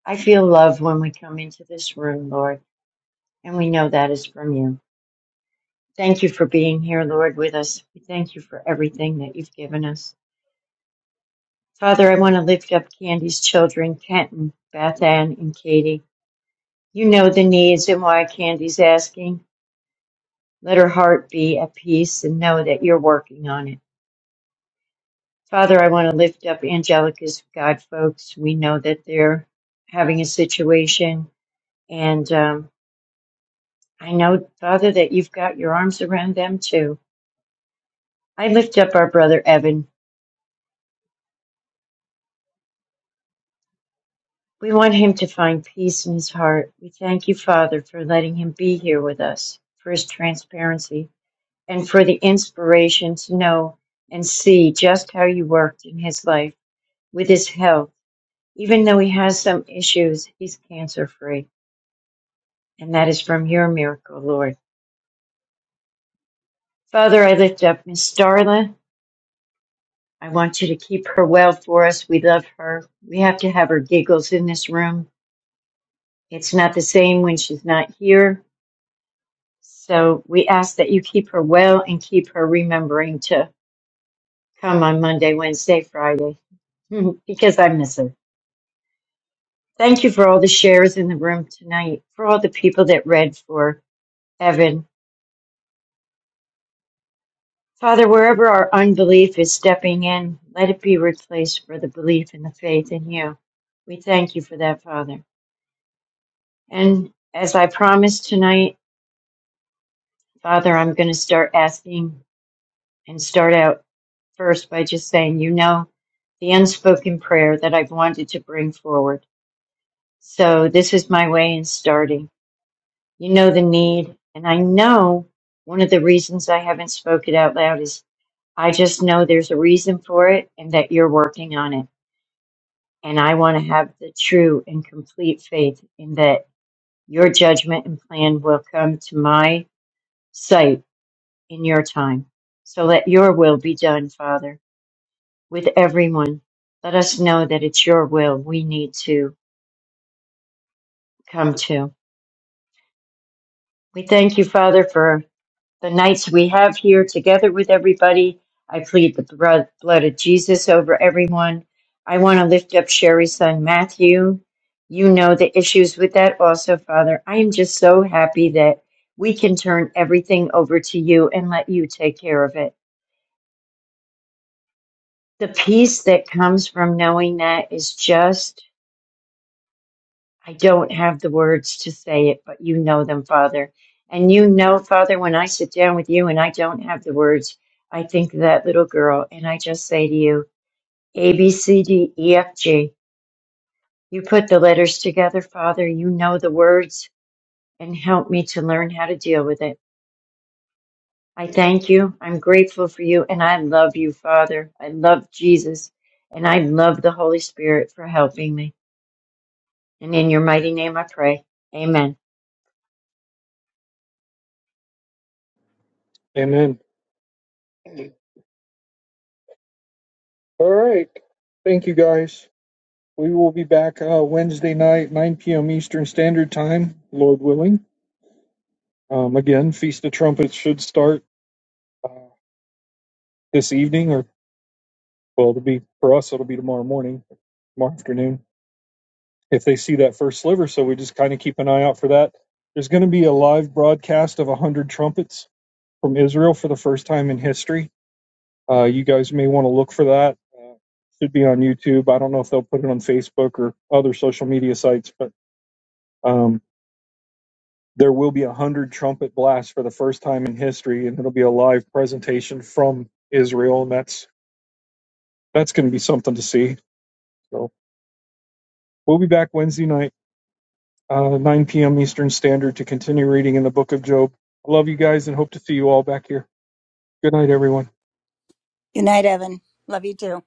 [SPEAKER 5] I feel love when we come into this room, Lord, and we know that is from you. Thank you for being here, Lord, with us. We thank you for everything that you've given us. Father, I want to lift up Candy's children, Kenton, Beth Ann, and Katie. You know the needs and why Candy's asking. Let her heart be at peace and know that you're working on it. Father, I want to lift up Angelica's God folks. We know that they're having a situation and um, I know, Father, that you've got your arms around them too. I lift up our brother Evan. We want him to find peace in his heart. We thank you, Father, for letting him be here with us, for his transparency, and for the inspiration to know and see just how you worked in his life with his health. Even though he has some issues, he's cancer free, and that is from your miracle, Lord. Father, I lift up Miss Starla I want you to keep her well for us. We love her. We have to have her giggles in this room. It's not the same when she's not here. So we ask that you keep her well and keep her remembering to come on Monday, Wednesday, Friday, because I miss her. Thank you for all the shares in the room tonight, for all the people that read for Evan. Father, wherever our unbelief is stepping in, let it be replaced for the belief and the faith in you. We thank you for that, Father. And as I promised tonight, Father, I'm going to start asking and start out first by just saying, you know, the unspoken prayer that I've wanted to bring forward. So this is my way in starting. You know the need. And I know one of the reasons I haven't spoken out loud is I just know there's a reason for it and that you're working on it. And I want to have the true and complete faith in that your judgment and plan will come to my sight in your time. So let your will be done, Father, with everyone. Let us know that it's your will we need to come to. We thank you, Father, for the nights we have here together with everybody. I plead the bro- blood of Jesus over everyone. I want to lift up Sherry's son, Matthew. You know the issues with that also, Father. I am just so happy that we can turn everything over to you and let you take care of it. the peace that comes from knowing that is just i don't have the words to say it but you know them father and you know father when i sit down with you and i don't have the words i think of that little girl and i just say to you a b c d e f g you put the letters together father you know the words and help me to learn how to deal with it i thank you i'm grateful for you and i love you father i love jesus and i love the holy spirit for helping me And in your mighty name I pray. Amen.
[SPEAKER 1] Amen. All right. Thank you guys. We will be back uh, Wednesday night, 9 p.m. Eastern Standard Time, Lord willing. Um, again, Feast of Trumpets should start uh, this evening, or well, it'll be for us. It'll be tomorrow morning, tomorrow afternoon, if they see that first sliver. So we just kind of keep an eye out for that. There's going to be a live broadcast of 100 trumpets from Israel for the first time in history. Uh, you guys may want to look for that. Uh, should be on YouTube. I don't know if they'll put it on Facebook or other social media sites, but. Um, There will be a hundred trumpet blasts for the first time in history, and it'll be a live presentation from Israel, and that's that's going to be something to see. So we'll be back Wednesday night, uh, 9 p.m. Eastern Standard, to continue reading in the Book of Job. I love you guys and hope to see you all back here. Good night, everyone.
[SPEAKER 7] Good night, Evan. Love you too.